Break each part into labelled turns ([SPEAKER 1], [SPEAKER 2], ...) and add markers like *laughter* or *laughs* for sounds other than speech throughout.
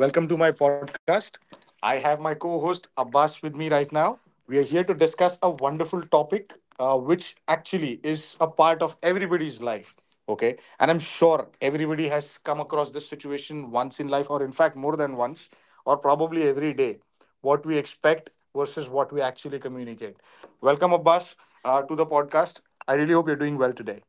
[SPEAKER 1] Welcome to my podcast. I have my co-host Abbas with me right now. We are here to discuss a wonderful topic, which actually is a part of everybody's life. Okay, and I'm sure everybody has come across this situation once in life, or in fact more than once, or probably every day. What we expect versus what we actually communicate. Welcome Abbas to the podcast. I really hope you're doing well today.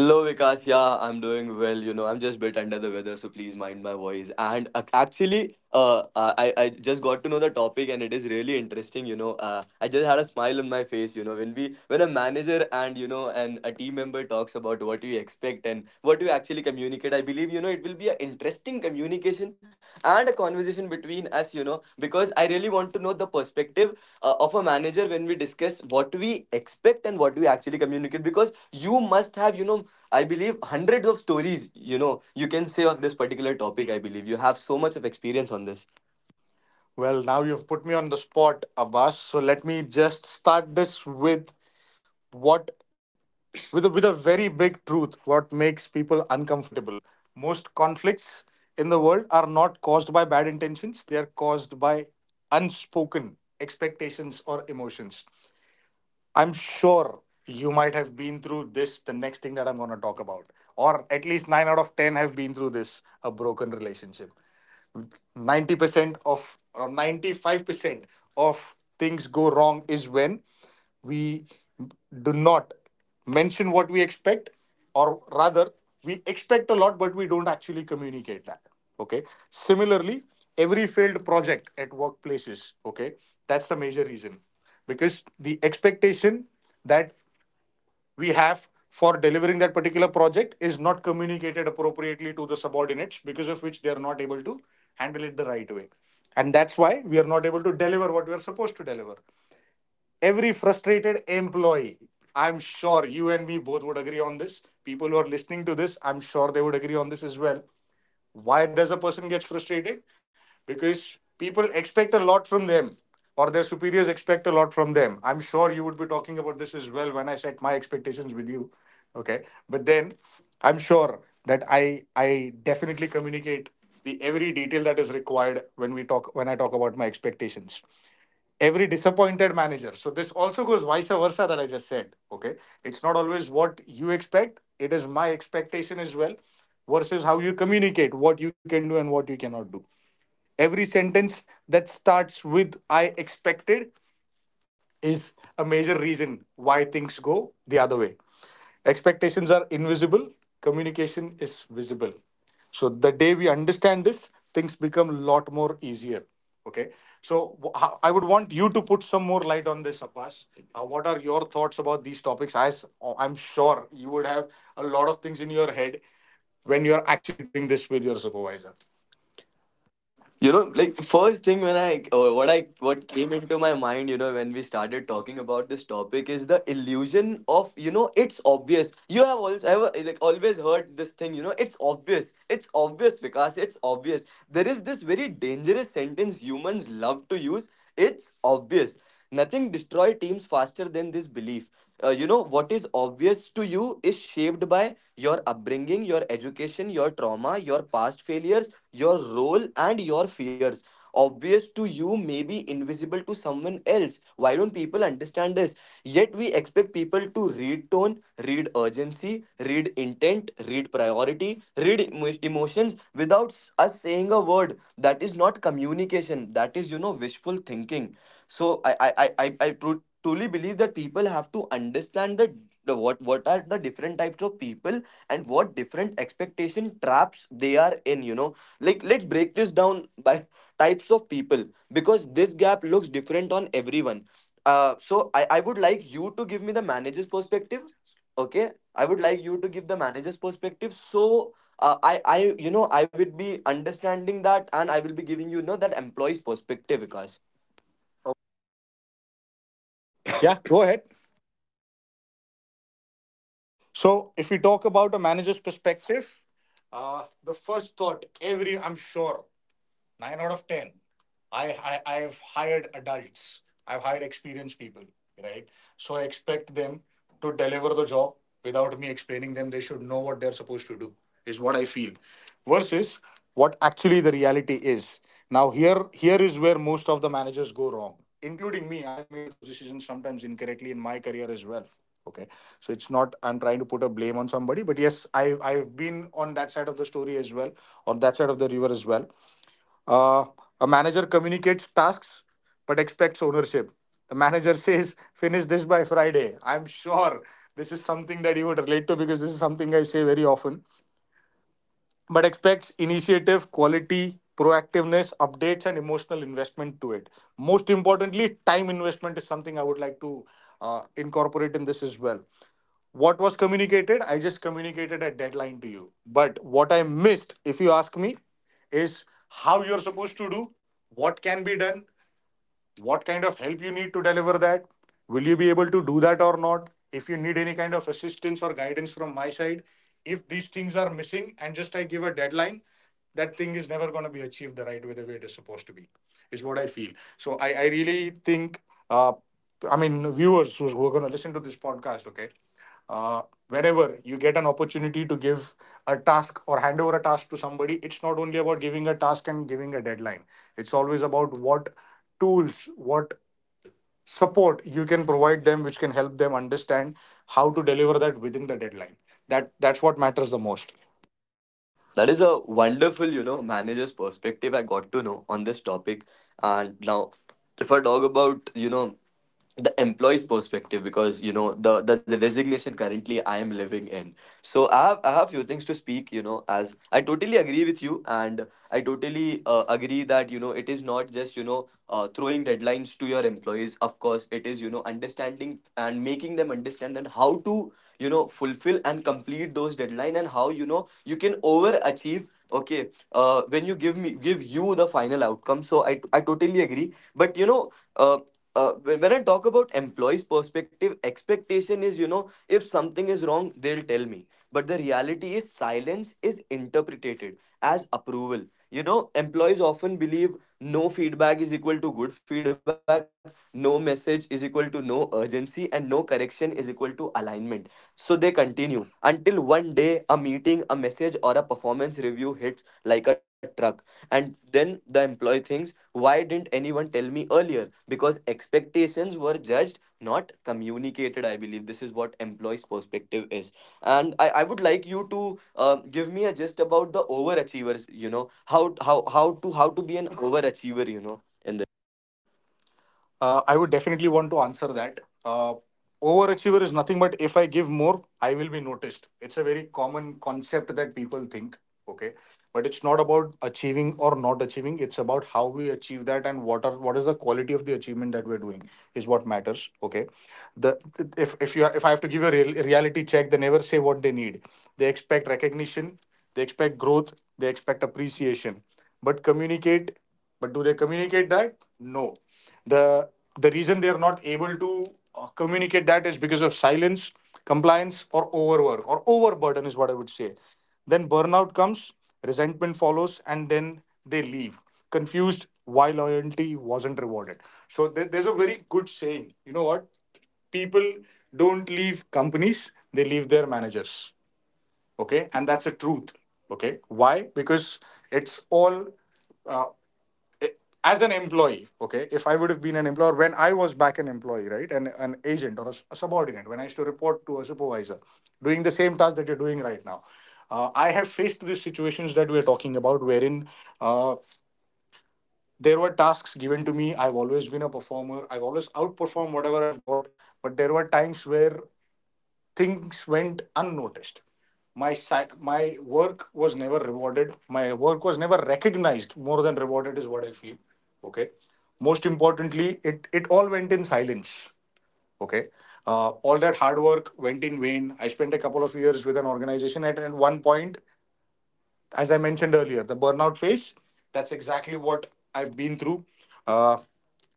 [SPEAKER 2] Hello, Vikas. Yeah, I'm doing well. You know, I'm just a bit under the weather, so please mind my voice. And I just got to know the topic, and it is really interesting. You know, I just had a smile on my face. You know, when a manager and you know and a team member talks about what you expect and what you actually communicate, I believe you know it will be an interesting communication and a conversation between us. You know, because I really want to know the perspective of a manager when we discuss what we expect and what we actually communicate because you must have you know I believe hundreds of stories, you know, you can say on this particular topic. I believe you have so much of experience on this.
[SPEAKER 1] Well, now you've put me on the spot, Abbas. So let me just start this with what with with a very big truth, what makes people uncomfortable. Most conflicts in the world are not caused by bad intentions, they are caused by unspoken expectations or emotions. I'm sure you might have been through this, the next thing that I'm going to talk about, or at least 9 out of 10 have been through this, a broken relationship. 90% of or 95% of things go wrong is when we do not mention what we expect, or rather we expect a lot but we don't actually communicate that. Okay, similarly, every failed project at workplaces, okay, that's the major reason, because the expectation that we have for delivering that particular project is not communicated appropriately to the subordinates, because of which they are not able to handle it the right way, and that's why we are not able to deliver what we are supposed to deliver. Every frustrated employee, I'm sure you and me both would agree on this, people who are listening to this, I'm sure they would agree on this as well. Why does a person get frustrated? Because people expect a lot from them or their superiors expect a lot from them. I'm sure you would be talking about this as well when I set my expectations with you. Okay. But then I'm sure that I definitely communicate the every detail that is required when I talk about my expectations. Every disappointed manager. So this also goes vice versa that I just said. Okay. It's not always what you expect. It is my expectation as well versus how you communicate what you can do and what you cannot do. Every sentence that starts with I expected is a major reason why things go the other way. Expectations are invisible, communication is visible. So the day we understand this, things become a lot more easier. Okay. So I would want you to put some more light on this, Abbas. What are your thoughts about these topics? I'm sure you would have a lot of things in your head when you're actually doing this with your supervisor.
[SPEAKER 2] You know, like first thing when I, or what I, what came into my mind, you know, when we started talking about this topic is the illusion of, you know, it's obvious. You have also, I have like always heard this thing, you know, it's obvious. It's obvious, Vikas. It's obvious. There is this very dangerous sentence humans love to use. It's obvious. Nothing destroys teams faster than this belief. What is obvious to you is shaped by your upbringing, your education, your trauma, your past failures, your role, and your fears. Obvious to you may be invisible to someone else. Why don't people understand this? Yet we expect people to read tone, read urgency, read intent, read priority, read emotions without us saying a word. That is not communication. That is, you know, wishful thinking. So I truly believe that people have to understand the what are the different types of people and what different expectation traps they are in, you know. Like let's break this down by *laughs* types of people because this gap looks different on everyone. So I would like you to give me the manager's perspective. Okay, I would like you to give the manager's perspective. So I you know I will be understanding that and I will be giving you, you know, that employee's perspective, Vikas.
[SPEAKER 1] Yeah, go ahead. So, if we talk about a manager's perspective, the first thought every, I'm sure, 9 out of 10. I, I've hired adults, I've hired experienced people, right? So I expect them to deliver the job. Without me explaining them, they should know what they're supposed to do is what I feel, versus what actually the reality is. Now here is where most of the managers go wrong, including me. I've made those decisions sometimes incorrectly in my career as well. Okay, so it's not I'm trying to put a blame on somebody, but yes, I've been on that side of the story as well, on that side of the river as well. uh, a manager communicates tasks but expects ownership. The manager *laughs* says, finish this by Friday. I'm sure this is something that you would relate to because this is something I say very often, but expects initiative, quality, proactiveness, updates, and emotional investment to it. Most importantly, time investment is something I would like to incorporate in this as well. What was communicated? I just communicated a deadline to you. But what I missed, if you ask me, is how you're supposed to do, what can be done, what kind of help you need to deliver that. Will you be able to do that or not? If you need any kind of assistance or guidance from my side, if these things are missing and just I give a deadline, that thing is never going to be achieved the right way, the way it is supposed to be, is what I feel. So I really think, uh, I mean, viewers who are going to listen to this podcast, okay, uh, whenever you get an opportunity to give a task or hand over a task to somebody, it's not only about giving a task and giving a deadline, it's always about what tools, what support you can provide them, which can help them understand how to deliver that within the deadline. That's what matters the most.
[SPEAKER 2] That is a wonderful, you know, manager's perspective I got to know on this topic. And now, if I talk about, you know, the employee's perspective, because you know the resignation currently I am living in, so I have few things to speak, you know. As I totally agree with you, and I totally agree that, you know, it is not just, you know, throwing deadlines to your employees. Of course, it is, you know, understanding and making them understand that how to, you know, fulfill and complete those deadline and how, you know, you can overachieve. Okay, when you give me give you the final outcome. So I totally agree, but you know. When I talk about employees perspective, expectation is, you know, if something is wrong, they'll tell me, but the reality is silence is interpreted as approval. You know, employees often believe no feedback is equal to good feedback, no message is equal to no urgency, and no correction is equal to alignment. So they continue until one day a meeting, a message, or a performance review hits like a truck. And then the employee thinks, why didn't anyone tell me earlier? Because expectations were judged, not communicated. I believe this is what employee's perspective is. And I would like you to give me a gist about the overachievers, you know, how to be an overachiever, you know. In.
[SPEAKER 1] I would definitely want to answer that. Overachiever is nothing but if I give more, I will be noticed. It's a very common concept that people think. Okay, but it's not about achieving or not achieving. It's about how we achieve that and what is the quality of the achievement that we're doing is what matters. Okay, the if you if I have to give a reality check, they never say what they need. They expect recognition, they expect growth, they expect appreciation, but communicate but do they communicate that? No. the the reason they are not able to communicate that is because of silence, compliance, or overwork or overburden is what I would say. Then burnout comes, resentment follows, and then they leave, confused why loyalty wasn't rewarded. So there's a very good saying, you know what, people don't leave companies, they leave their managers. Okay, and that's a truth. Okay, why? Because it's all, uh, as an employee, okay, if I would have been an employer, when I was back an employee, right, and an agent or a subordinate, when I used to report to a supervisor doing the same task that you're doing right now, I have faced these situations that we're talking about, wherein, uh, there were tasks given to me. I've always been a performer, I've always outperformed whatever I've got, but there were times where things went unnoticed. My work was never rewarded. My work was never recognized. More than rewarded is what I feel. Okay. Most importantly, it all went in silence. Okay. All that hard work went in vain. I spent a couple of years with an organization, and at one point, as I mentioned earlier, the burnout phase, that's exactly what I've been through. Uh,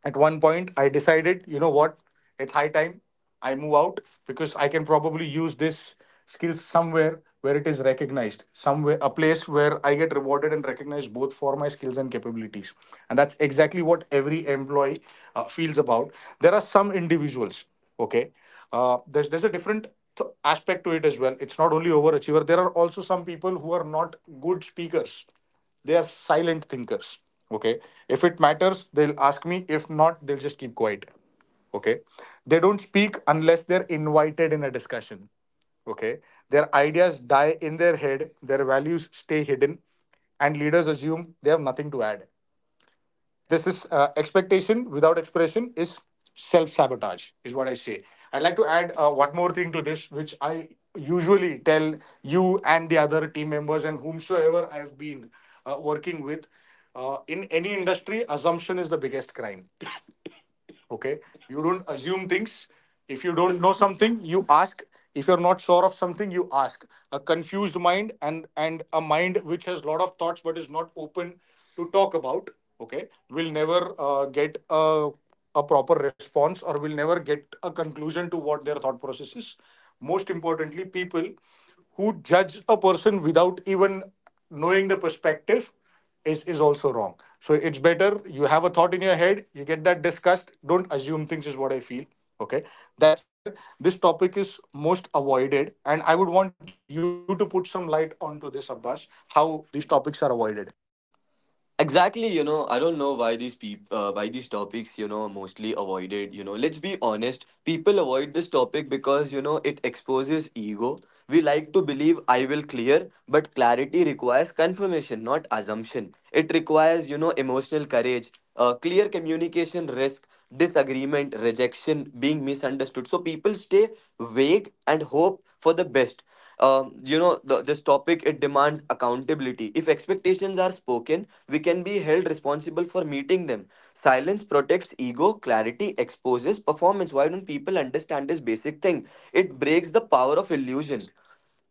[SPEAKER 1] at one point, I decided, you know what, it's high time I move out, because I can probably use this skill somewhere where it is recognized, somewhere, a place where I get rewarded and recognized both for my skills and capabilities. And that's exactly what every employee feels about. There are some individuals, okay, there's a different aspect to it as well. It's not only overachiever, there are also some people who are not good speakers, they are silent thinkers. Okay, if it matters, they'll ask me, if not, they'll just keep quiet. Okay, they don't speak unless they're invited in a discussion. Okay, their ideas die in their head, their values stay hidden, and leaders assume they have nothing to add. This is, expectation without expression is self sabotage, is what I say. I'd like to add one more thing to this, which I usually tell you and the other team members and whomsoever I've been working with. In any industry, assumption is the biggest crime. Okay, you don't assume things. If you don't know something, you ask. If you're not sure of something, you ask. A confused mind, and a mind which has a lot of thoughts but is not open to talk about, okay, will never get a proper response or will never get a conclusion to what their thought process is. Most importantly, people who judge a person without even knowing the perspective is also wrong. So it's better, you have a thought in your head, you get that discussed, don't assume things is what I feel. Okay, that's where this topic is most avoided, and I would want you to put some light onto this, Abbas, how these topics are avoided.
[SPEAKER 2] Exactly, you know, I don't know why these people, why these topics, you know, are mostly avoided. You know, let's be honest, people avoid this topic because you know it exposes ego. We like to believe I will clear, but clarity requires confirmation, not assumption. It requires you know emotional courage, clear communication, risk, disagreement, rejection, being misunderstood. So people stay vague and hope for the best. This topic it demands accountability. If expectations are spoken, we can be held responsible for meeting them. Silence protects ego, clarity exposes performance. Why don't people understand this basic thing? It breaks the power of illusion.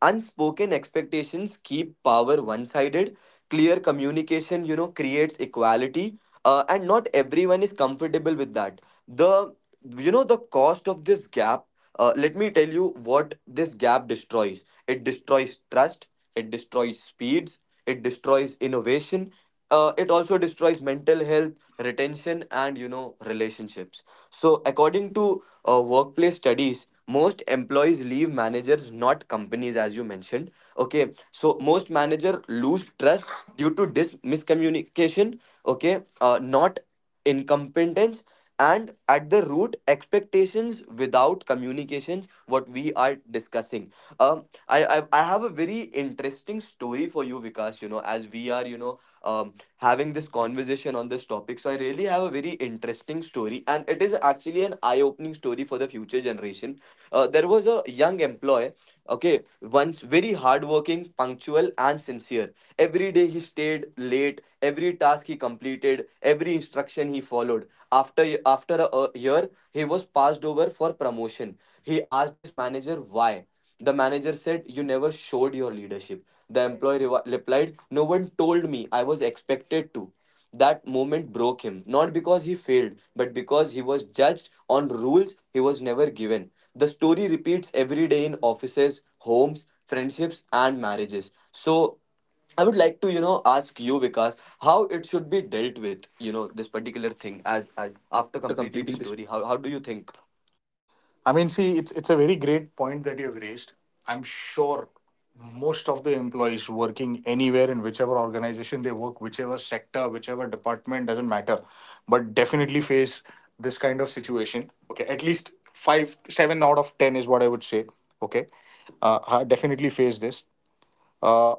[SPEAKER 2] Unspoken expectations keep power one sided. Clear communication, you know, creates equality. And not everyone is comfortable with that. The You know the cost of this gap, let me tell you what this gap destroys. It destroys trust, it destroys speeds, it destroys innovation. It also destroys mental health, retention, and you know relationships. So, according to workplace studies, most employees leave managers, not companies, as you mentioned. Okay, so most manager lose trust due to dis miscommunication. Okay, not incompetence, and at the root expectations without communications what we are discussing. I have a very interesting story for you, Vikas. You know, as we are, you know, having this conversation on this topic, so I really have a very interesting story, and it is actually an eye-opening story for the future generation. Uh, there was a young employee. Okay, once very hardworking, punctual, and sincere. Every day he stayed late, every task he completed, every instruction he followed. After a year, he was passed over for promotion. He asked his manager why. The manager said, you never showed your leadership. The employee replied, no one told me, I was expected to. That moment broke him, not because he failed, but because he was judged on rules he was never given. The story repeats every day in offices, homes, friendships, and marriages. So, I would like to, you know, ask you, Vikas, how it should be dealt with, you know, this particular thing as after
[SPEAKER 1] After
[SPEAKER 2] completing the
[SPEAKER 1] completing this,
[SPEAKER 2] story. How do you think?
[SPEAKER 1] I mean, see, it's a very great point that you've raised. I'm sure most of the employees working anywhere in whichever organization they work, whichever sector, whichever department, doesn't matter, but definitely face this kind of situation. Okay, at least 5, 7 out of 10 is what I would say. Okay, I definitely face this. Uh,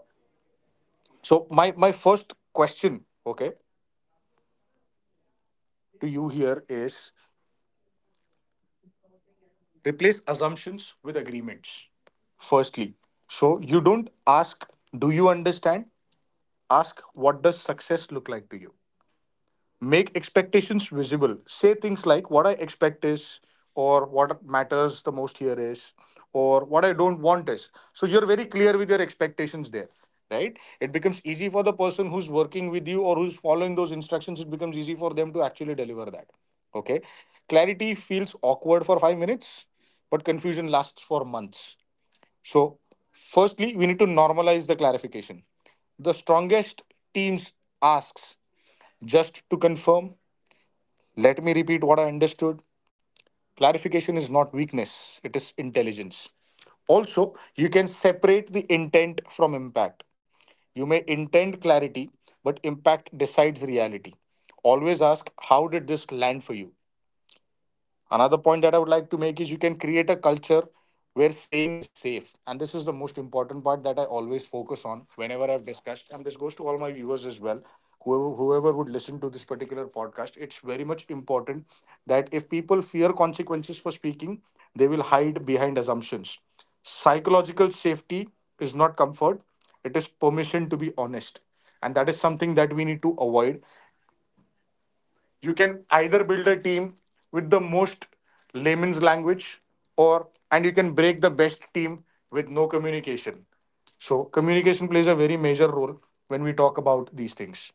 [SPEAKER 1] so my first question, okay, to you here is, replace assumptions with agreements. Firstly, so you don't ask, do you understand? Ask, what does success look like to you? Make expectations visible. Say things like, what I expect is, or what matters the most here is, or what I don't want is. So you're very clear with your expectations there, right? It becomes easy for the person who's working with you or who's following those instructions. It becomes easy for them to actually deliver that. Okay, clarity feels awkward for 5 minutes, but confusion lasts for months. So firstly, we need to normalize the clarification. The strongest teams asks, just to confirm, let me repeat what I understood. Clarification is not weakness, it is intelligence. Also, you can separate the intent from impact. You may intend clarity, but impact decides reality. Always ask, how did this land for you? Another point that I would like to make is you can create a culture where saying is safe. And this is the most important part that I always focus on whenever I've discussed. And this goes to all my viewers as well. Whoever would listen to this particular podcast, it's very much important that if people fear consequences for speaking, they will hide behind assumptions. Psychological safety is not comfort, it is permission to be honest. And that is something that we need to avoid. You can either build a team with the most layman's language, or and you can break the best team with no communication. So communication plays a very major role when we talk about these things.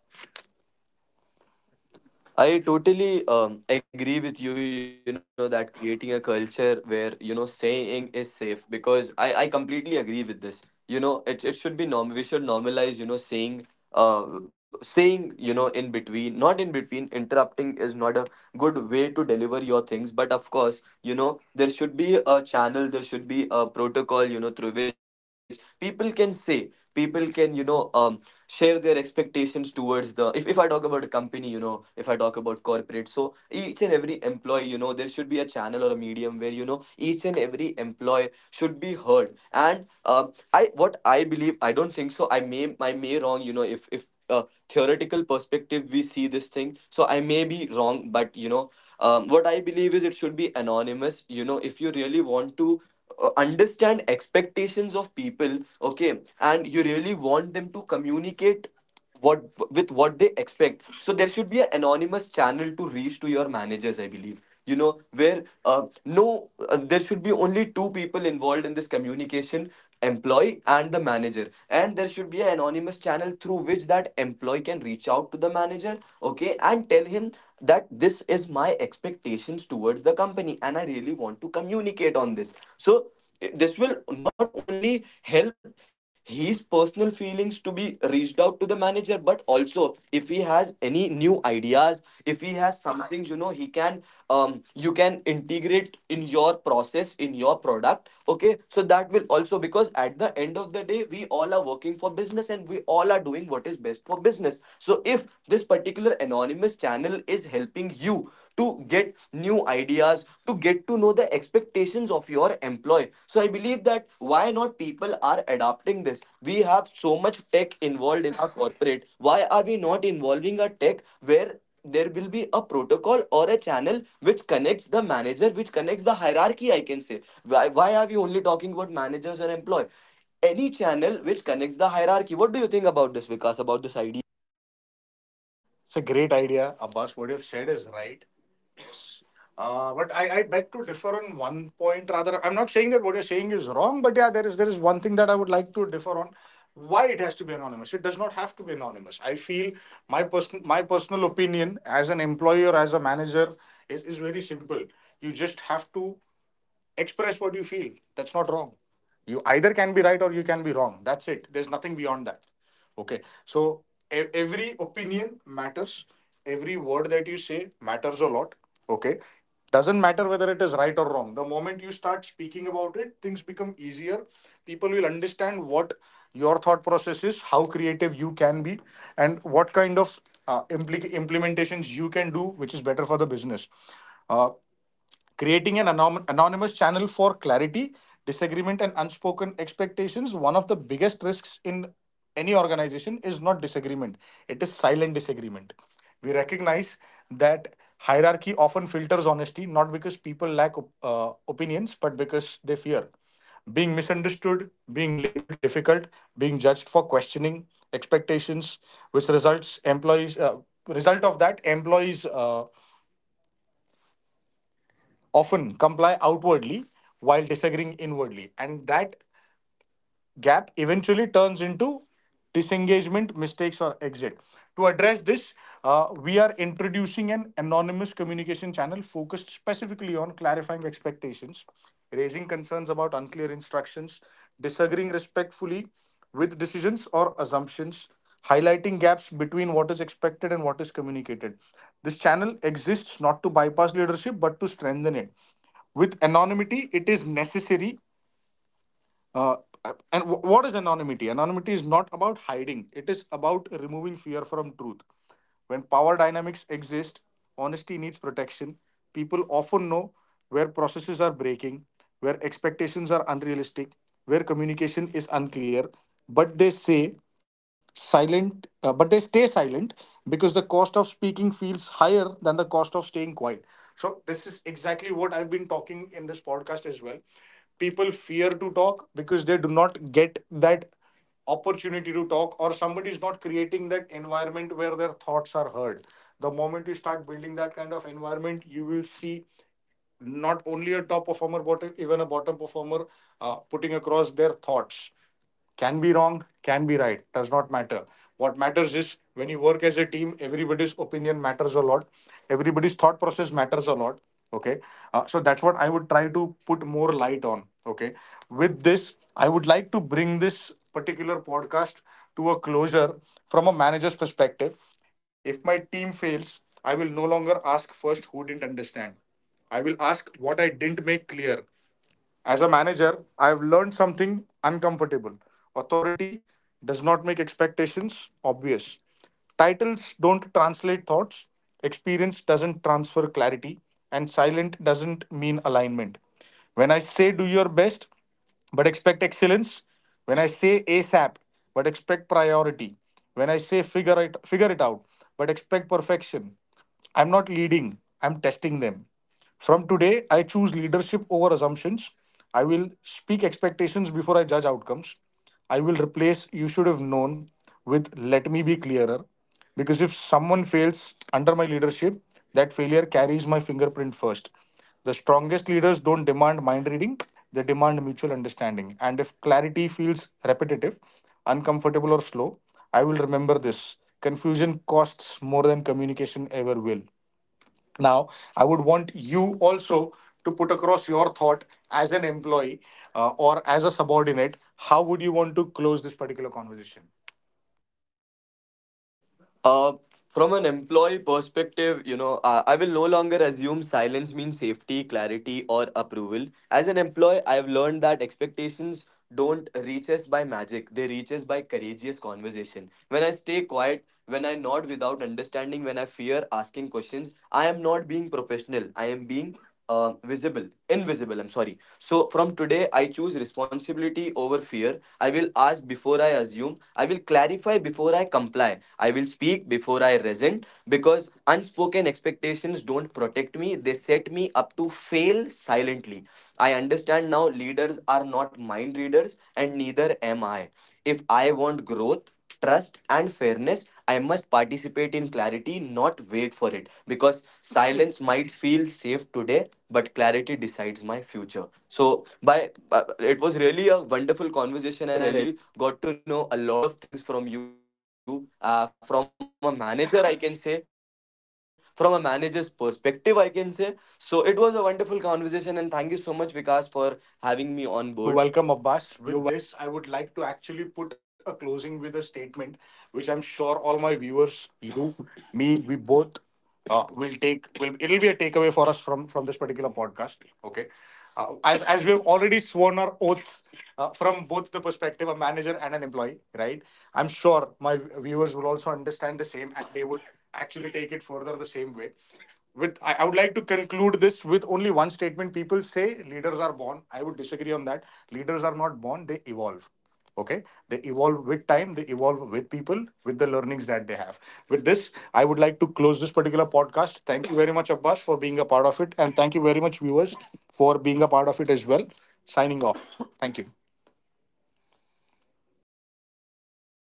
[SPEAKER 2] I totally agree with you, you know, that creating a culture where, you know, saying is safe, because I completely agree with this. You know, it should be norm. We should normalize, you know, saying, uh, saying, you know, in between, not in between, interrupting is not a good way to deliver your things. But of course, you know, there should be a channel, there should be a protocol, you know, through which people can say, people can, you know, share their expectations towards the. If I talk about a company, you know, if I talk about corporate, so each and every employee, you know, there should be a channel or a medium where you know each and every employee should be heard. And I what I believe, I don't think so, I may wrong, you know. If theoretical perspective we see this thing, so I may be wrong, but you know, what I believe is it should be anonymous. You know, if you really want to understand expectations of people, okay, and you really want them to communicate what with what they expect, so there should be an anonymous channel to reach to your managers, I believe, you know, where no there should be only two people involved in this communication, employee and the manager, and there should be an anonymous channel through which that employee can reach out to the manager, okay, and tell him that this is my expectations towards the company and I really want to communicate on this. So this will not only help his personal feelings to be reached out to the manager, but also if he has any new ideas, if he has something things, you know, he can um you can integrate in your process in your product. Okay, so that will also, because at the end of the day we all are working for business and we all are doing what is best for business. So if this particular anonymous channel is helping you to get new ideas, to get to know the expectations of your employee, so I believe that why not people are adopting this. We have so much tech involved in our corporate, why are we not involving a tech where there will be a protocol or a channel which connects the manager, which connects the hierarchy, I can say. Why are we only talking about managers or employee? Any channel which connects the hierarchy. What do you think about this, Vikas, about this idea?
[SPEAKER 1] It's a great idea, Abbas. What you've said is right. Yes. But I beg to differ on one point rather. I'm not saying that what you're saying is wrong, but yeah, there is one thing that I would like to differ on. Why it has to be anonymous? It does not have to be anonymous. I feel my personal opinion as an employee or as a manager is very simple. You just have to express what you feel. That's not wrong. You either can be right or you can be wrong. That's it. There's nothing beyond that. Okay. So every opinion matters. Every word that you say matters a lot. Okay. Doesn't matter whether it is right or wrong. The moment you start speaking about it, things become easier. People will understand what your thought process is, how creative you can be, and what kind of implementations you can do, which is better for the business. Uh, Creating an anonymous channel for clarity, disagreement, and unspoken expectations. One of the biggest risks in any organization is not disagreement, it is silent disagreement. We recognize that hierarchy often filters honesty, not because people lack opinions, but because they fear being misunderstood, being labeled difficult, being judged for questioning expectations, which result of that employees often comply outwardly while disagreeing inwardly. And that gap eventually turns into disengagement, mistakes, or exit. To address this, we are introducing an anonymous communication channel focused specifically on clarifying expectations, raising concerns about unclear instructions, disagreeing respectfully with decisions or assumptions, highlighting gaps between what is expected and what is communicated. This channel exists not to bypass leadership but to strengthen it. With anonymity, it is necessary. uh, what is anonymity? Anonymity is not about hiding, it is about removing fear from truth. When power dynamics exist, honesty needs protection. People often know where processes are breaking, where expectations are unrealistic, where communication is unclear, but they say silent but they stay silent because the cost of speaking feels higher than the cost of staying quiet. So this is exactly what I've been talking in this podcast as well. People fear to talk because they do not get that opportunity to talk, or somebody is not creating that environment where their thoughts are heard. The moment you start building that kind of environment, you will see not only a top performer but even a bottom performer putting across their thoughts. Can be wrong, can be right, does not matter. What matters is when you work as a team, everybody's opinion matters a lot. Everybody's thought process matters a lot. Okay. So that's what I would try to put more light on. Okay. With this, I would like to bring this particular podcast to a closure. From a manager's perspective, if my team fails, I will no longer ask first, who didn't understand? I will ask, what I didn't make clear. As a manager, I have learned something uncomfortable. Authority does not make expectations obvious. Titles don't translate thoughts, experience doesn't transfer clarity, and silent doesn't mean alignment. When I say do your best, but expect excellence, when I say ASAP, but expect priority, when I say figure it out, but expect perfection, I'm not leading, I'm testing them. From today, I choose leadership over assumptions. I will speak expectations before I judge outcomes. I will replace you should have known with let me be clearer. Because if someone fails under my leadership, that failure carries my fingerprint first. The strongest leaders don't demand mind reading, they demand mutual understanding. And if clarity feels repetitive, uncomfortable, or slow, I will remember this. Confusion costs more than communication ever will. Now, I would want you also to put across your thought as an employee or as a subordinate. How would you want to close this particular conversation?
[SPEAKER 2] Uh, from an employee perspective, you know, I will no longer assume silence means safety, clarity, or approval. As an employee, I've learned that expectations don't reach us by magic, they reach us by courageous conversation. When I stay quiet, when I nod without understanding, when I fear asking questions, I am not being professional, I am being invisible, I'm sorry. So from today, I choose responsibility over fear. I will ask before I assume. I will clarify before I comply. I will speak before I resent, because unspoken expectations don't protect me, they set me up to fail silently. I understand now leaders are not mind readers, and neither am I. If I want growth, trust, and fairness, I must participate in clarity, not wait for it. Because silence might feel safe today, but clarity decides my future. So by it was really a wonderful conversation. I really got to know a lot of things from you, from a manager's perspective I can say. So it was a wonderful conversation, and thank you so much, Vikas, for having me on board.
[SPEAKER 1] You're welcome, Abbas. With this, I would like to actually put a closing with a statement, which I'm sure all my viewers, you, me, we both will it'll be a takeaway for us from this particular podcast. Okay. As we have already sworn our oaths from both the perspective, a manager and an employee, right? I'm sure my viewers will also understand the same, and they would actually take it further the same way. With I would like to conclude this with only one statement. People say leaders are born. I would disagree on that. Leaders are not born, they evolve. Okay. They evolve with time, they evolve with people, with the learnings that they have. With this, I would like to close this particular podcast. Thank you very much, Abbas, for being a part of it, and thank you very much, viewers, for being a part of it as well. Signing off, thank you.
[SPEAKER 2] Thank you so
[SPEAKER 1] Thank you so
[SPEAKER 2] much.
[SPEAKER 1] much.